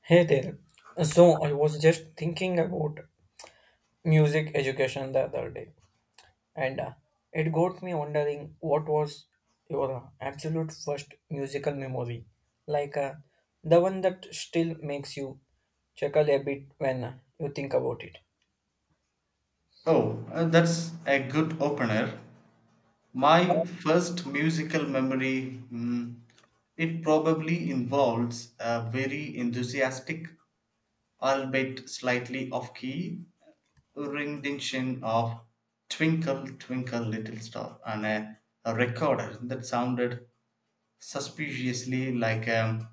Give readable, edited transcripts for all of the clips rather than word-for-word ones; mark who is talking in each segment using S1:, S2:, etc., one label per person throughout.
S1: Hey there. So I was just thinking about music education the other day, and it got me wondering what was your absolute first musical memory, like uh, the one that still makes you chuckle a bit when you think about it.
S2: Oh, that's a good opener. My first musical memory, it probably involves a very enthusiastic, albeit slightly off key, rendition of Twinkle, Twinkle, Little Star on a recorder that sounded suspiciously like a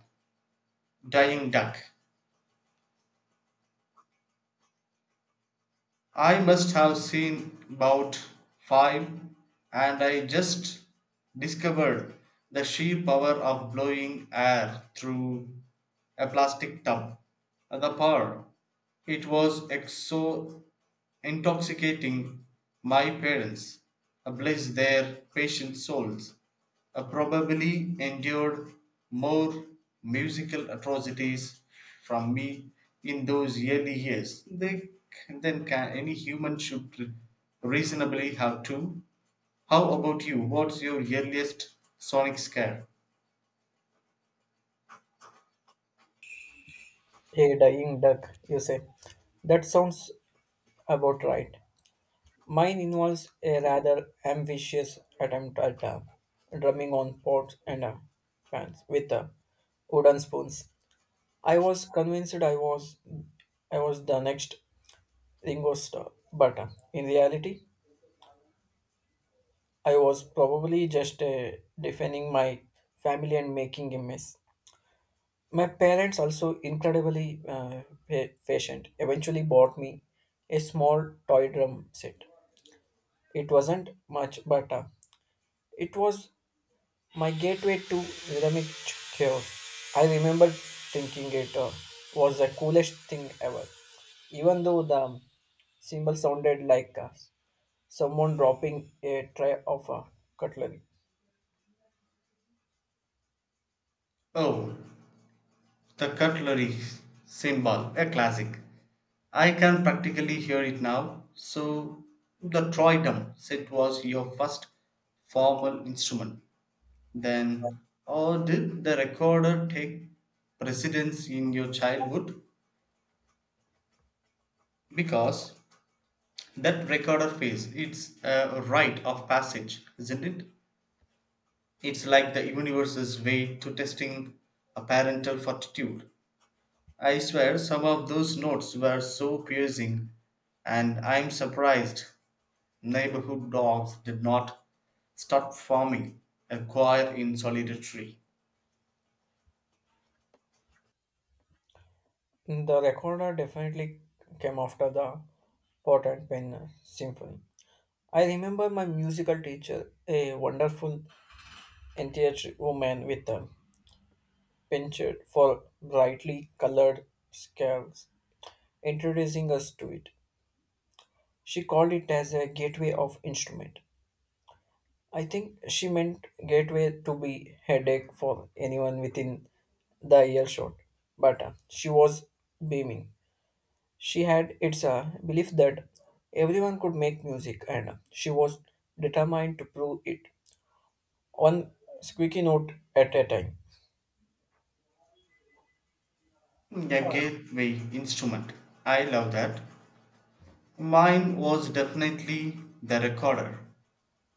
S2: dying duck. I must have seen about five, and I just discovered the sheer power of blowing air through a plastic tub. The power, it was so intoxicating. My parents, bless their patient souls, probably endured more musical atrocities from me in those early years they, then can any human should reasonably have two. How about you? What's your earliest sonic scare?
S1: A dying duck, you say. That sounds about right. Mine involves a rather ambitious attempt at drumming on pots and pans with wooden spoons. I was convinced I was the next Ringo Starr, but in reality, I was probably just defending my family and making a mess. My parents also incredibly patient. Eventually, bought me a small toy drum set. It wasn't much, but it was my gateway to rhythmic chaos. I remember thinking it was the coolest thing ever, even though the cymbal sounded like someone dropping a tray of cutlery.
S2: Oh, the cutlery symbol, a classic. I can practically hear it now. So, the trident set was your first formal instrument. Then, or did the recorder take precedence in your childhood? Because that recorder phase, it's a rite of passage, isn't it? It's like the universe's way to testing a parental fortitude. I swear some of those notes were so piercing, and I'm surprised neighborhood dogs did not start forming a choir in solidarity.
S1: The recorder definitely came after the pot and pen symphony. I remember my musical teacher, a wonderful enthusiastic woman with a penchant for brightly colored scales, introducing us to it. She called it as a gateway of instrument. I think she meant gateway to be headache for anyone within the earshot. But she was beaming. She had its belief that everyone could make music, and she was determined to prove it. One squeaky note at a time.
S2: A gateway instrument. I love that. Mine was definitely the recorder.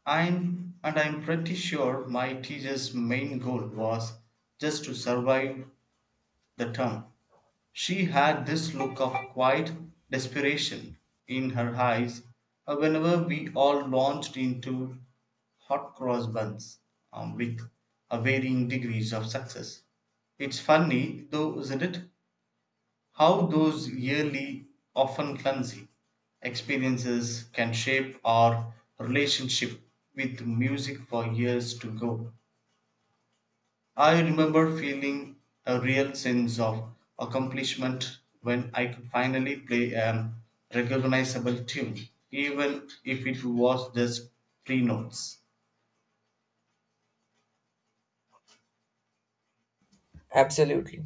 S2: I'm pretty sure my teacher's main goal was just to survive the term. She had this look of quiet desperation in her eyes whenever we all launched into hot cross buns with varying degrees of success. It's funny, though, isn't it? How those yearly, often clumsy, experiences can shape our relationship with music for years to go. I remember feeling a real sense of accomplishment when I could finally play a recognizable tune, even if it was just three notes.
S1: Absolutely.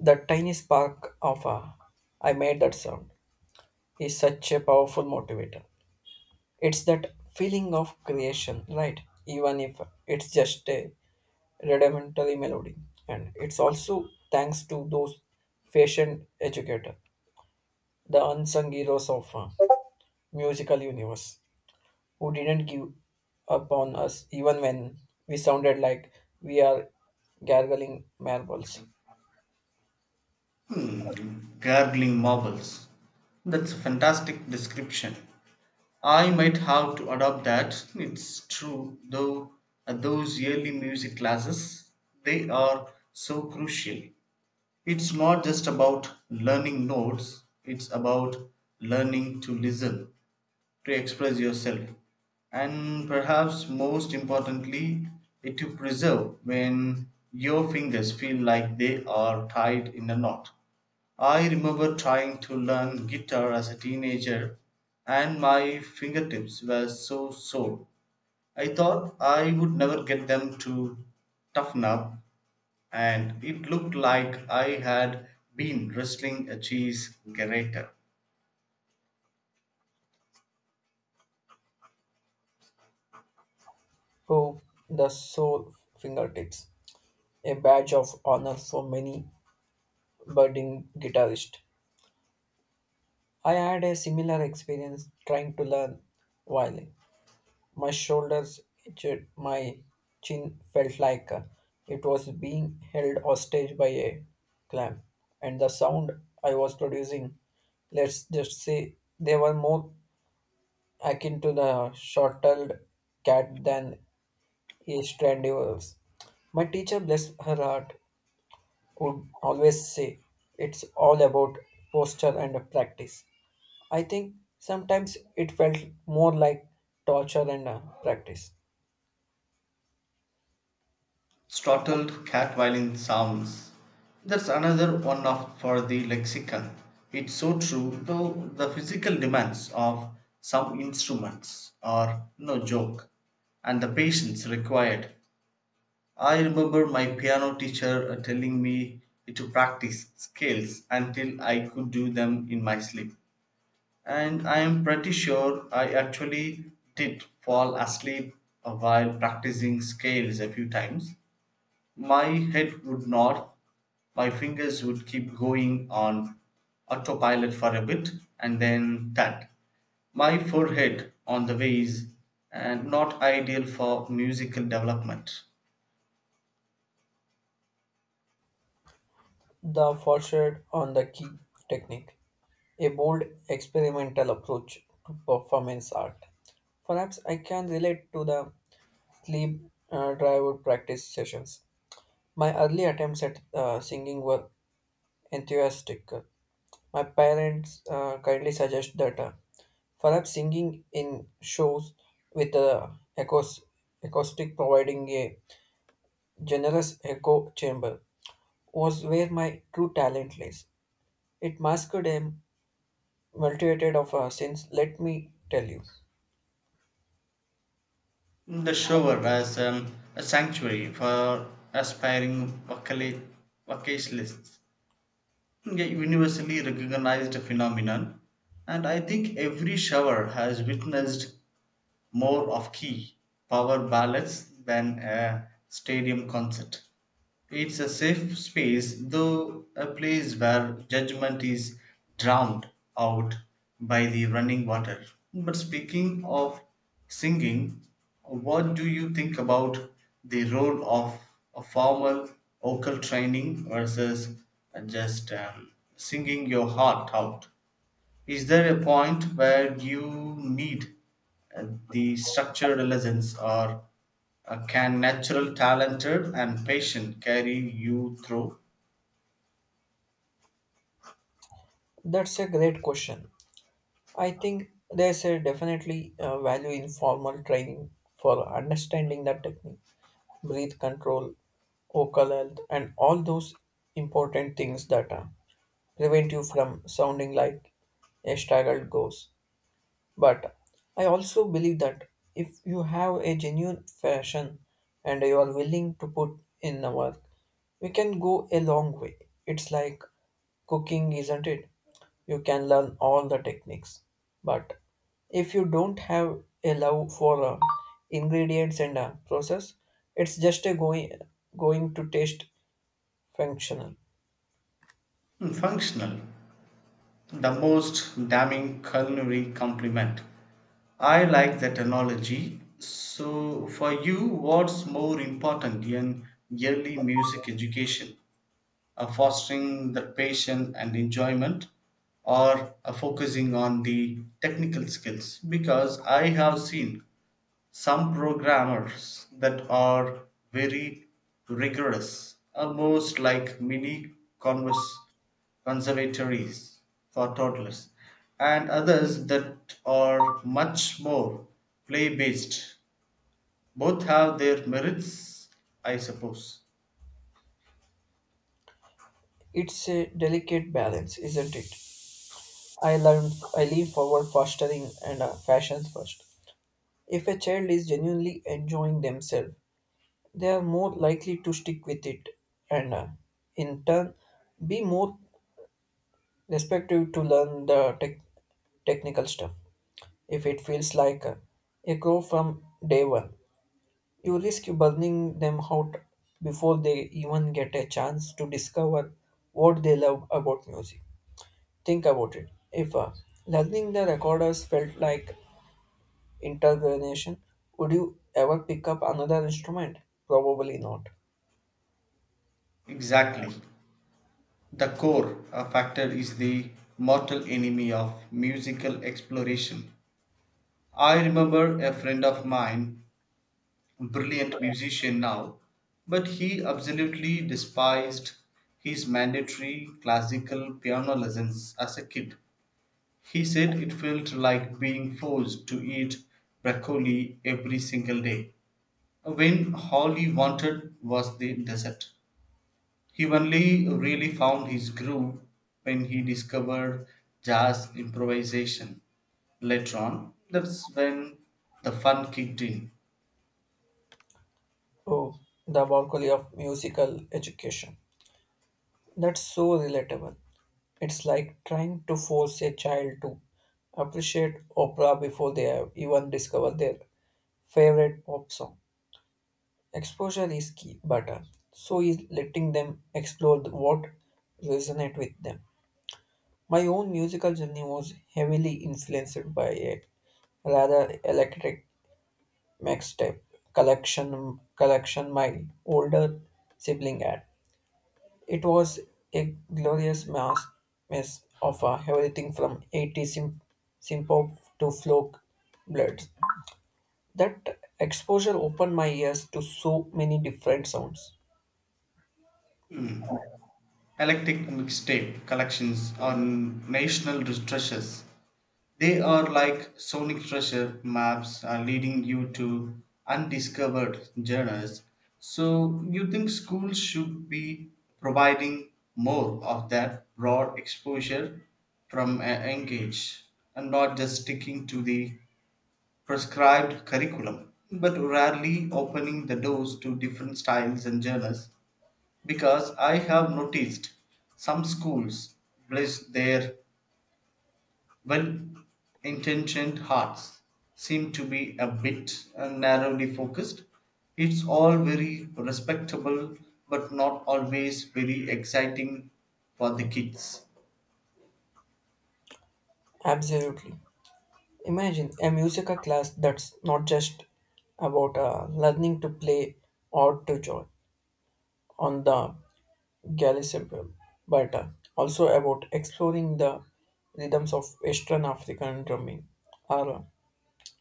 S1: The tiny spark of a I made that sound is such a powerful motivator. It's that feeling of creation, right? Even if it's just a rudimentary melody. And it's also thanks to those patient educator, the unsung heroes of musical universe, who didn't give up on us even when we sounded like we are gargling marbles.
S2: Hmm, gargling marbles. That's a fantastic description. I might have to adopt that. It's true, though, at those yearly music classes, they are so crucial. It's not just about learning notes, it's about learning to listen, to express yourself, and perhaps most importantly it to preserve when your fingers feel like they are tied in a knot. I remember trying to learn guitar as a teenager, and my fingertips were so sore I thought I would never get them to toughen up, and it looked like I had been wrestling a cheese grater.
S1: Oh, the sole fingertips, a badge of honor for many budding guitarists. I had a similar experience trying to learn violin. My shoulders itched, my chin felt like it was being held hostage by a clamp, and the sound I was producing, let's just say, they were more akin to the short-tailed cat than a stranded. My teacher, bless her heart, would always say, "It's all about posture and practice." I think sometimes it felt more like torture and practice.
S2: Startled cat violin sounds. That's another one of for the lexicon. It's so true, though the physical demands of some instruments are no joke, and the patience required. I remember my piano teacher telling me to practice scales until I could do them in my sleep. And I am pretty sure I actually did fall asleep while practicing scales a few times. My head would nod, my fingers would keep going on autopilot for a bit, and then tat. My forehead on the vase, and not ideal for musical development.
S1: The foresight on the key technique, a bold experimental approach to performance art. Perhaps I can relate to the sleep driver practice sessions. My early attempts at singing were enthusiastic. My parents kindly suggest that perhaps singing in shows with acous- acoustic providing a generous echo chamber was where my true talent lies. It masked a multitude of sins, let me tell you.
S2: The shower as a sanctuary for aspiring vocalists, a universally recognized phenomenon, and I think every shower has witnessed more of key power ballads than a stadium concert. It's a safe space, though a place where judgment is drowned out by the running water. But speaking of singing, what do you think about the role of a formal vocal training versus just singing your heart out? Is there a point where you need uh, the structured lessons, or can natural, talented, and patient carry you through?
S1: That's a great question. I think there's a definitely value in formal training for understanding that technique, breath control, vocal health, and all those important things that prevent you from sounding like a straggled ghost. But I also believe that if you have a genuine passion and you are willing to put in the work, you can go a long way. It's like cooking, isn't it? You can learn all the techniques. But if you don't have a love for ingredients and process, it's just a going going to taste functional.
S2: Hmm, functional, the most damning culinary compliment. I like that analogy. So, for you, what's more important in early music education? Fostering the passion and enjoyment, or focusing on the technical skills? Because I have seen some programmers that are very rigorous, almost like mini converse conservatories for toddlers, and others that are much more play based. Both have their merits, I suppose.
S1: It's a delicate balance, isn't it? I learned I lean forward fostering and fashions first. If a child is genuinely enjoying themselves, they are more likely to stick with it and, in turn, be more respective to learn the technical stuff. If it feels like a grow from day one, you risk burning them out before they even get a chance to discover what they love about music. Think about it. If learning the recorders felt like interrogation. Would you ever pick up another instrument? Probably not.
S2: Exactly. The core factor is the mortal enemy of musical exploration. I remember a friend of mine, brilliant musician now, but he absolutely despised his mandatory classical piano lessons as a kid. He said it felt like being forced to eat broccoli every single day, when all he wanted was the dessert. He only really found his groove when he discovered jazz improvisation. Later on, that's when the fun kicked in.
S1: Oh, the broccoli of musical education. That's so relatable. It's like trying to force a child to appreciate opera before they have even discover their favorite pop song. Exposure is key, but so is letting them explore the- what resonate with them. My own musical journey was heavily influenced by a rather electric mixtape collection my older sibling had. It was a glorious mass mess of everything from eighty simpop to folk bloods. That exposure opened my ears to so many different sounds.
S2: Eclectic mixtape collections are national treasures. They are like sonic treasure maps are leading you to undiscovered journals. So you think schools should be providing more of that broad exposure from a young age, and not just sticking to the prescribed curriculum, but rarely opening the doors to different styles and journals? Because I have noticed some schools, bless their well intentioned hearts, seem to be a bit narrowly focused. It's all very respectable, but not always very exciting for the kids.
S1: Absolutely. Imagine a musical class that's not just about learning to play or to join on the Galley Simple, but also about exploring the rhythms of Western African drumming, or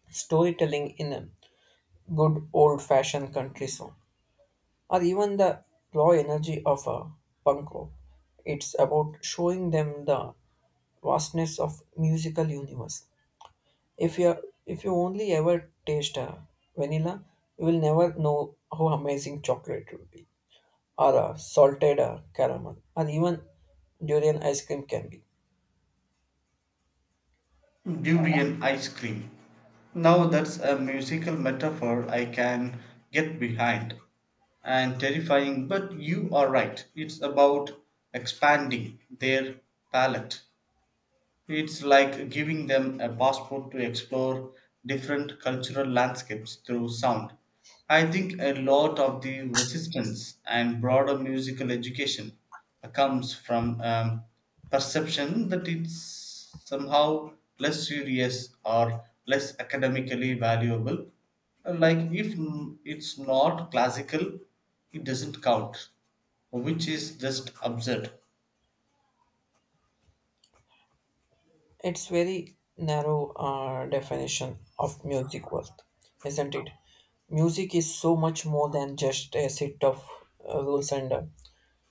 S1: storytelling in a good old-fashioned country song, or even the raw energy of a punk rock. It's about showing them the vastness of musical universe. If you if you only ever taste vanilla, you will never know how amazing chocolate will be or salted caramel, or even durian ice cream can be.
S2: Durian ice cream. Now that's a musical metaphor I can get behind, and terrifying, but you are right. It's about expanding their palate. It's like giving them a passport to explore different cultural landscapes through sound. I think a lot of the resistance and broader musical education comes from perception that it's somehow less serious or less academically valuable. Like if it's not classical, it doesn't count, which is just absurd.
S1: It's very narrow definition of music worth, isn't it? Music is so much more than just a set of rules and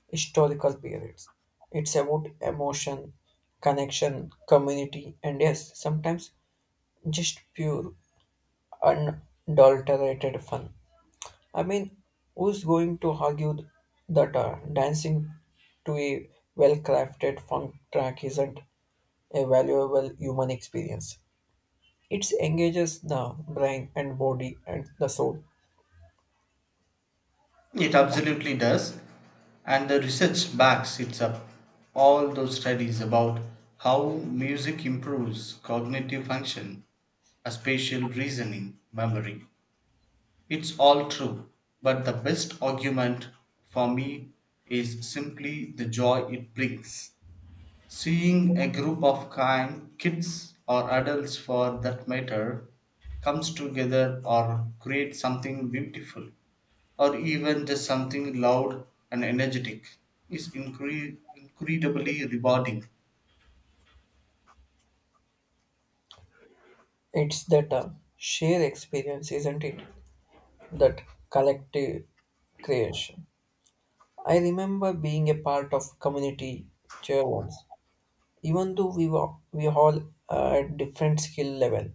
S1: historical periods. It's about emotion, connection, community, and yes, sometimes just pure unadulterated fun. I mean, who's going to argue that dancing to a well crafted funk track isn't a valuable human experience? It engages the brain and body and the soul.
S2: It absolutely does, and the research backs it up. All those studies about how music improves cognitive function, spatial reasoning, memory. It's all true, but the best argument for me is simply the joy it brings. Seeing a group of kind kids or adults for that matter comes together or create something beautiful or even just something loud and energetic is incredibly rewarding.
S1: It's that shared experience, isn't it? That collective creation. I remember being a part of community cheer once, even though we all at different skill level.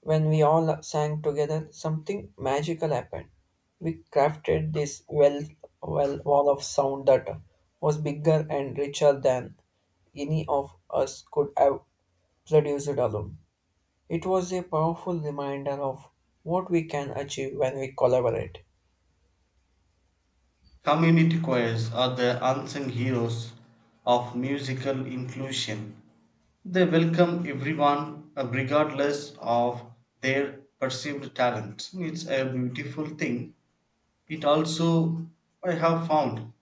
S1: When we all sang together, something magical happened. We crafted this wall of sound that was bigger and richer than any of us could have produced alone. It was a powerful reminder of what we can achieve when we collaborate.
S2: Community choirs are the unsung heroes of musical inclusion. They welcome everyone regardless of their perceived talent. It's a beautiful thing. It also, I have found,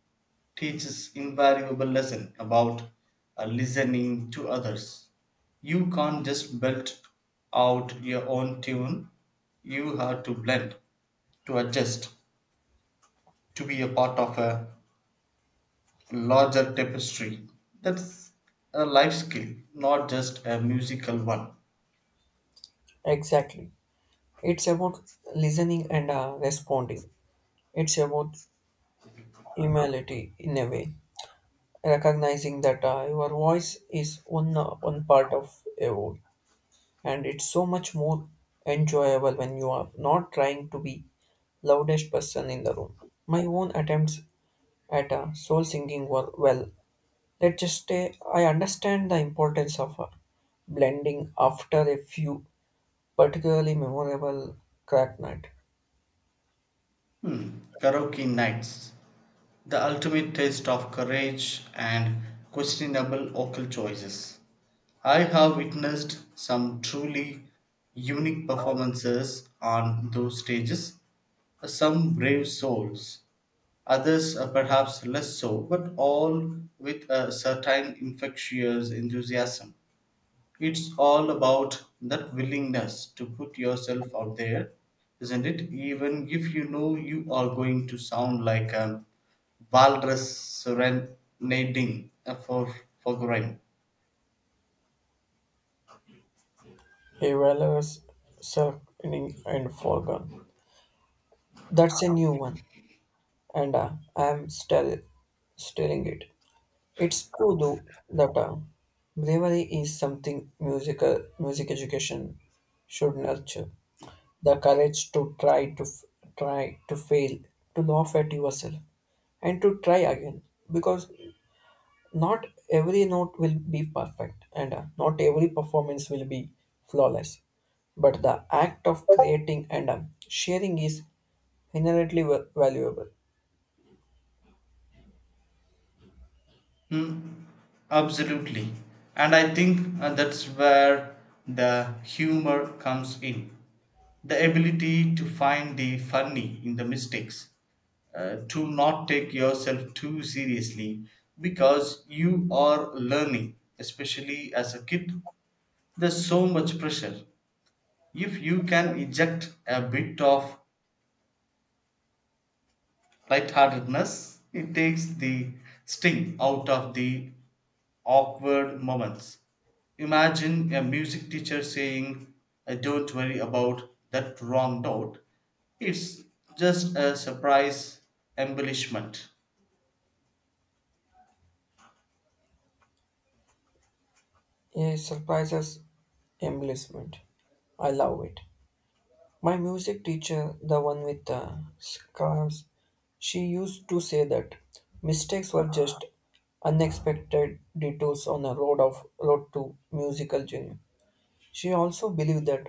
S2: teaches invaluable lesson about listening to others. You can't just belt out your own tune. You have to blend, to adjust, to be a part of a larger tapestry. That's a life skill, not just a musical one.
S1: Exactly. It's about listening and responding. It's about humility in a way, recognizing that your voice is one, one part of a whole. And it's so much more enjoyable when you are not trying to be loudest person in the room. My own attempts at a soul singing were, well, let's just say I understand the importance of a blending after a few particularly memorable crack night.
S2: Karaoke nights, the ultimate test of courage and questionable vocal choices. I have witnessed some truly unique performances on those stages. Some brave souls, others are perhaps less so, but all with a certain infectious enthusiasm. It's all about that willingness to put yourself out there, isn't it? Even if you know you are going to sound like a walrus serenading a for grime.
S1: A valorous circling and foregone, that's a new one, and I'm still stirring it. It's true though that bravery is something music education should nurture. The courage to try to try to fail, to laugh at yourself, and to try again. Because not every note will be perfect, and not every performance will be flawless. But the act of creating and sharing is inherently valuable.
S2: Absolutely. And I think that's where the humor comes in. The ability to find the funny in the mistakes, to not take yourself too seriously, because you are learning, especially as a kid. There's so much pressure. If you can eject a bit of lightheartedness, it takes the sting out of the awkward moments. Imagine a music teacher saying, "Don't worry about that wrong note, it's just a surprise embellishment."
S1: It surprises embellishment. I love it. My music teacher, the one with the scars, she used to say that mistakes were just unexpected detours on a road to musical genius. She also believed that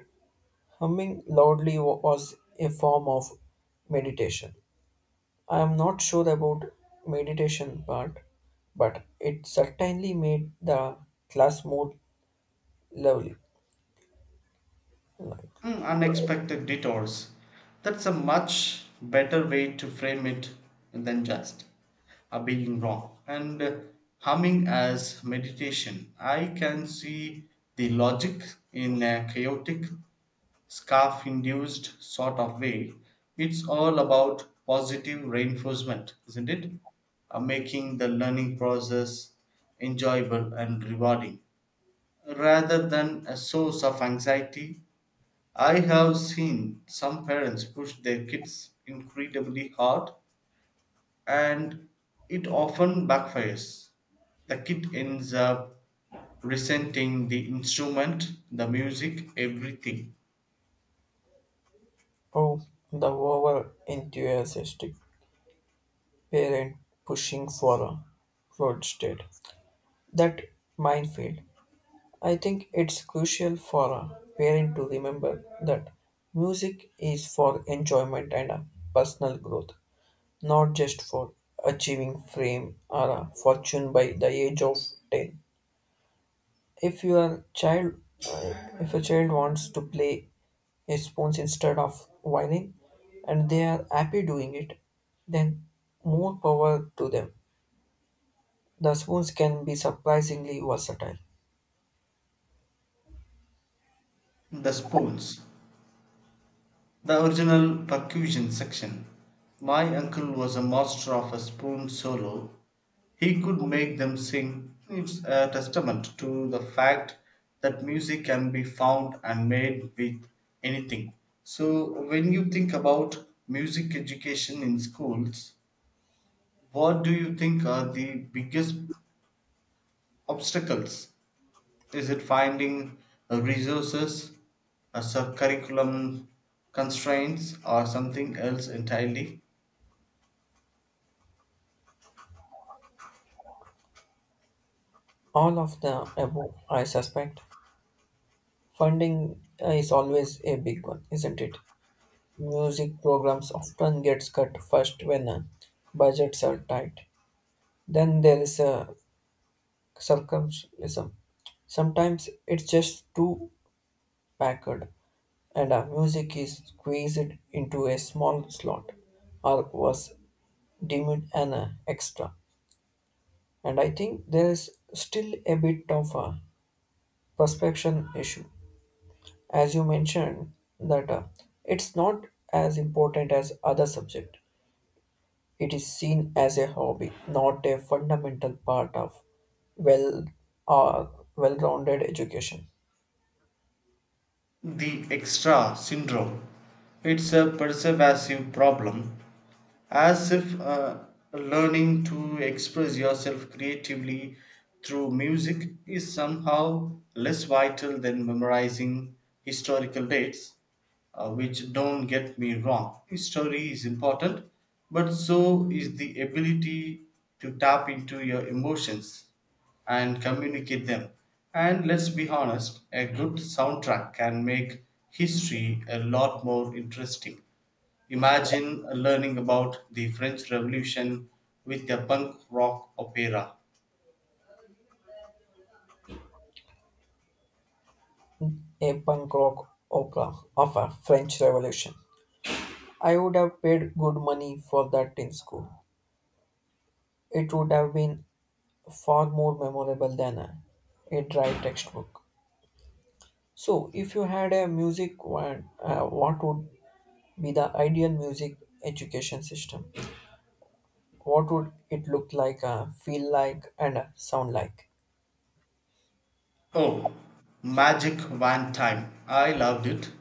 S1: humming loudly was a form of meditation. I am not sure about meditation part, but it certainly made the class more lovely. Like,
S2: Mm, unexpected detours. That's a much better way to frame it than just being wrong. And humming as meditation, I can see the logic in a chaotic, scarf induced sort of way. It's all about positive reinforcement, isn't it? Making the learning process enjoyable and rewarding rather than a source of anxiety. I have seen some parents push their kids incredibly hard, and it often backfires. The kid ends up resenting the instrument, the music, everything.
S1: oh, the over enthusiastic parent pushing for a roadstead. That minefield. I think it's crucial for a parent to remember that music is for enjoyment and a personal growth, not just for achieving fame or a fortune by the age of 10. If your child uh, if a child wants to play a spoons instead of violin and they are happy doing it, then more power to them. The spoons can be surprisingly versatile.
S2: The spoons, the original percussion section. My uncle was a master of a spoon solo. He could make them sing. It's a testament to the fact that music can be found and made with anything. So, when you think about music education in schools, what do you think are the biggest obstacles? Is it finding resources, a curriculum constraints, or something else entirely?
S1: All of the above, I suspect. Funding is always a big one, isn't it? Music programs often gets cut first when budgets are tight. Then there is a circumcision. Sometimes it's just too packed, and music is squeezed into a small slot, or was deemed an extra. And I think there is still a bit of a prospection issue as you mentioned that it's not as important as other subject. It is seen as a hobby, not a fundamental part of well uh, well-rounded education.
S2: The extra syndrome. It's a pervasive problem, as if learning to express yourself creatively through music is somehow less vital than memorizing historical dates. Which don't get me wrong, history is important, but so is the ability to tap into your emotions and communicate them. And let's be honest, a good soundtrack can make history a lot more interesting. Imagine learning about the French Revolution with a punk rock opera.
S1: A punk rock opera of a French revolution, I would have paid good money for that in school. It would have been far more memorable than a dry textbook. So if you had a music one, what would be the ideal music education system? What would it look like, feel like, and sound like?
S2: Oh, Magic Van Time. I loved it.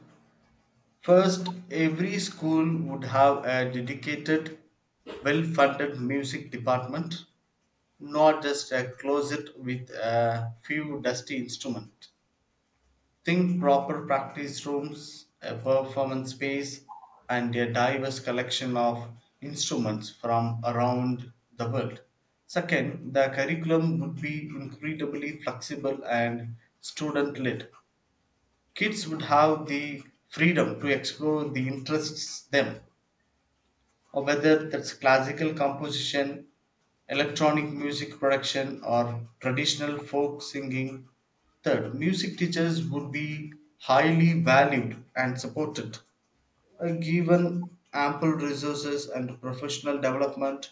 S2: First, every school would have a dedicated, well funded music department, not just a closet with a few dusty instruments. Think proper practice rooms, a performance space, and a diverse collection of instruments from around the world. Second, the curriculum would be incredibly flexible and student led. Kids would have the freedom to explore the interests them, or whether that's classical composition, electronic music production, or traditional folk singing. Third, music teachers would be highly valued and supported, given ample resources and professional development.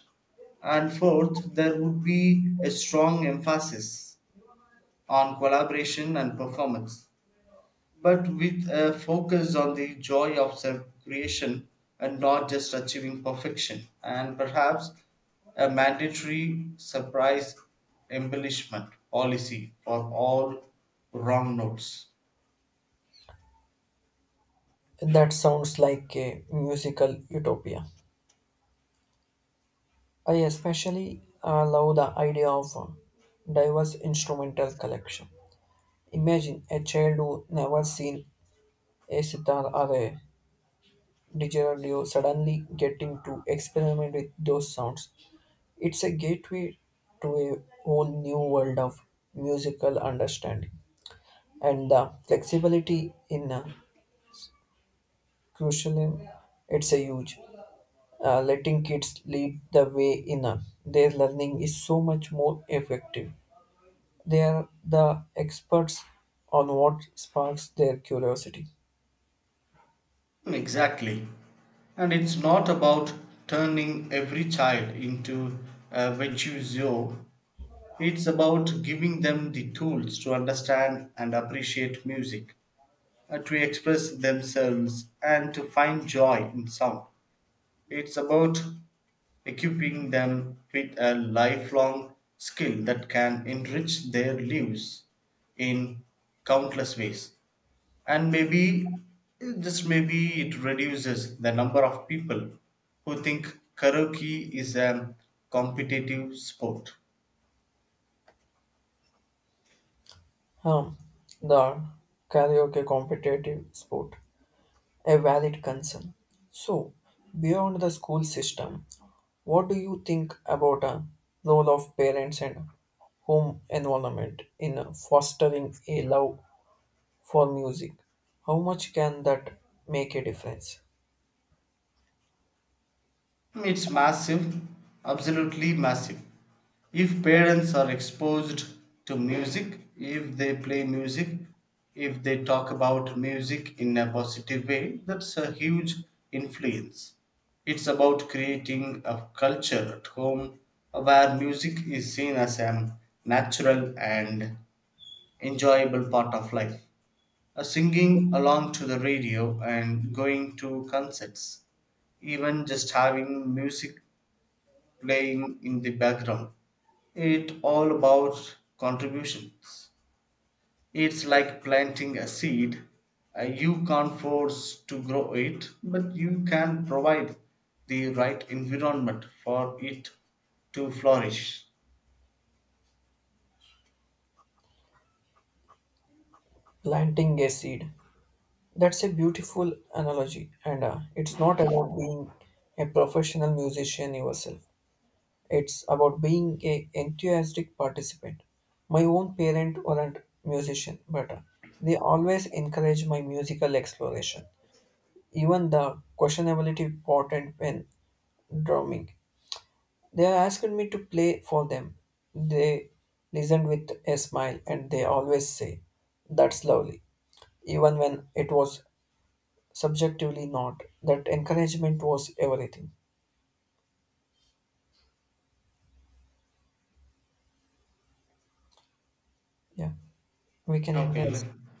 S2: And fourth, there would be a strong emphasis on collaboration and performance, but with a focus on the joy of self creation and not just achieving perfection, and perhaps a mandatory surprise embellishment policy for all wrong notes.
S1: That sounds like a musical utopia. I especially love the idea of a diverse instrumental collection. Imagine a child who never seen a sitar or a didgeridoo suddenly getting to experiment with those sounds. It's a gateway to a whole new world of musical understanding, and the flexibility in crucial. It's a huge. Letting kids lead the way in their learning is so much more effective. They are the experts on what sparks their curiosity.
S2: Hmm, exactly. And it's not about turning every child into a virtuoso, it's about giving them the tools to understand and appreciate music, to express themselves and to find joy in sound. It's about equipping them with a lifelong skill that can enrich their lives in countless ways. And maybe, just maybe, it reduces the number of people who think karaoke is a competitive sport.
S1: Um, the karaoke competitive sport, a valid concern. So, beyond the school system, what do you think about a role of parents and home environment in fostering a love for music? How much can that make a difference?
S2: It's massive, absolutely massive. If parents are exposed to music, if they play music, if they talk about music in a positive way, that's a huge influence. It's about creating a culture at home where music is seen as a natural and enjoyable part of life. Singing along to the radio and going to concerts, even just having music playing in the background. It's all about contributions. It's like planting a seed. You can't force to grow it, but you can provide the right environment for it to flourish.
S1: Planting a seed. That's a beautiful analogy, and it's not about being a professional musician yourself. It's about being a enthusiastic participant. My own parents weren't musician, but they always encouraged my musical exploration. Even the questionability pot and pen drumming. They asked me to play for them. They listened with a smile and they always say, that's lovely, even when it was subjectively, not. That encouragement was everything. Yeah, we can end
S2: Okay.
S1: this.
S2: let-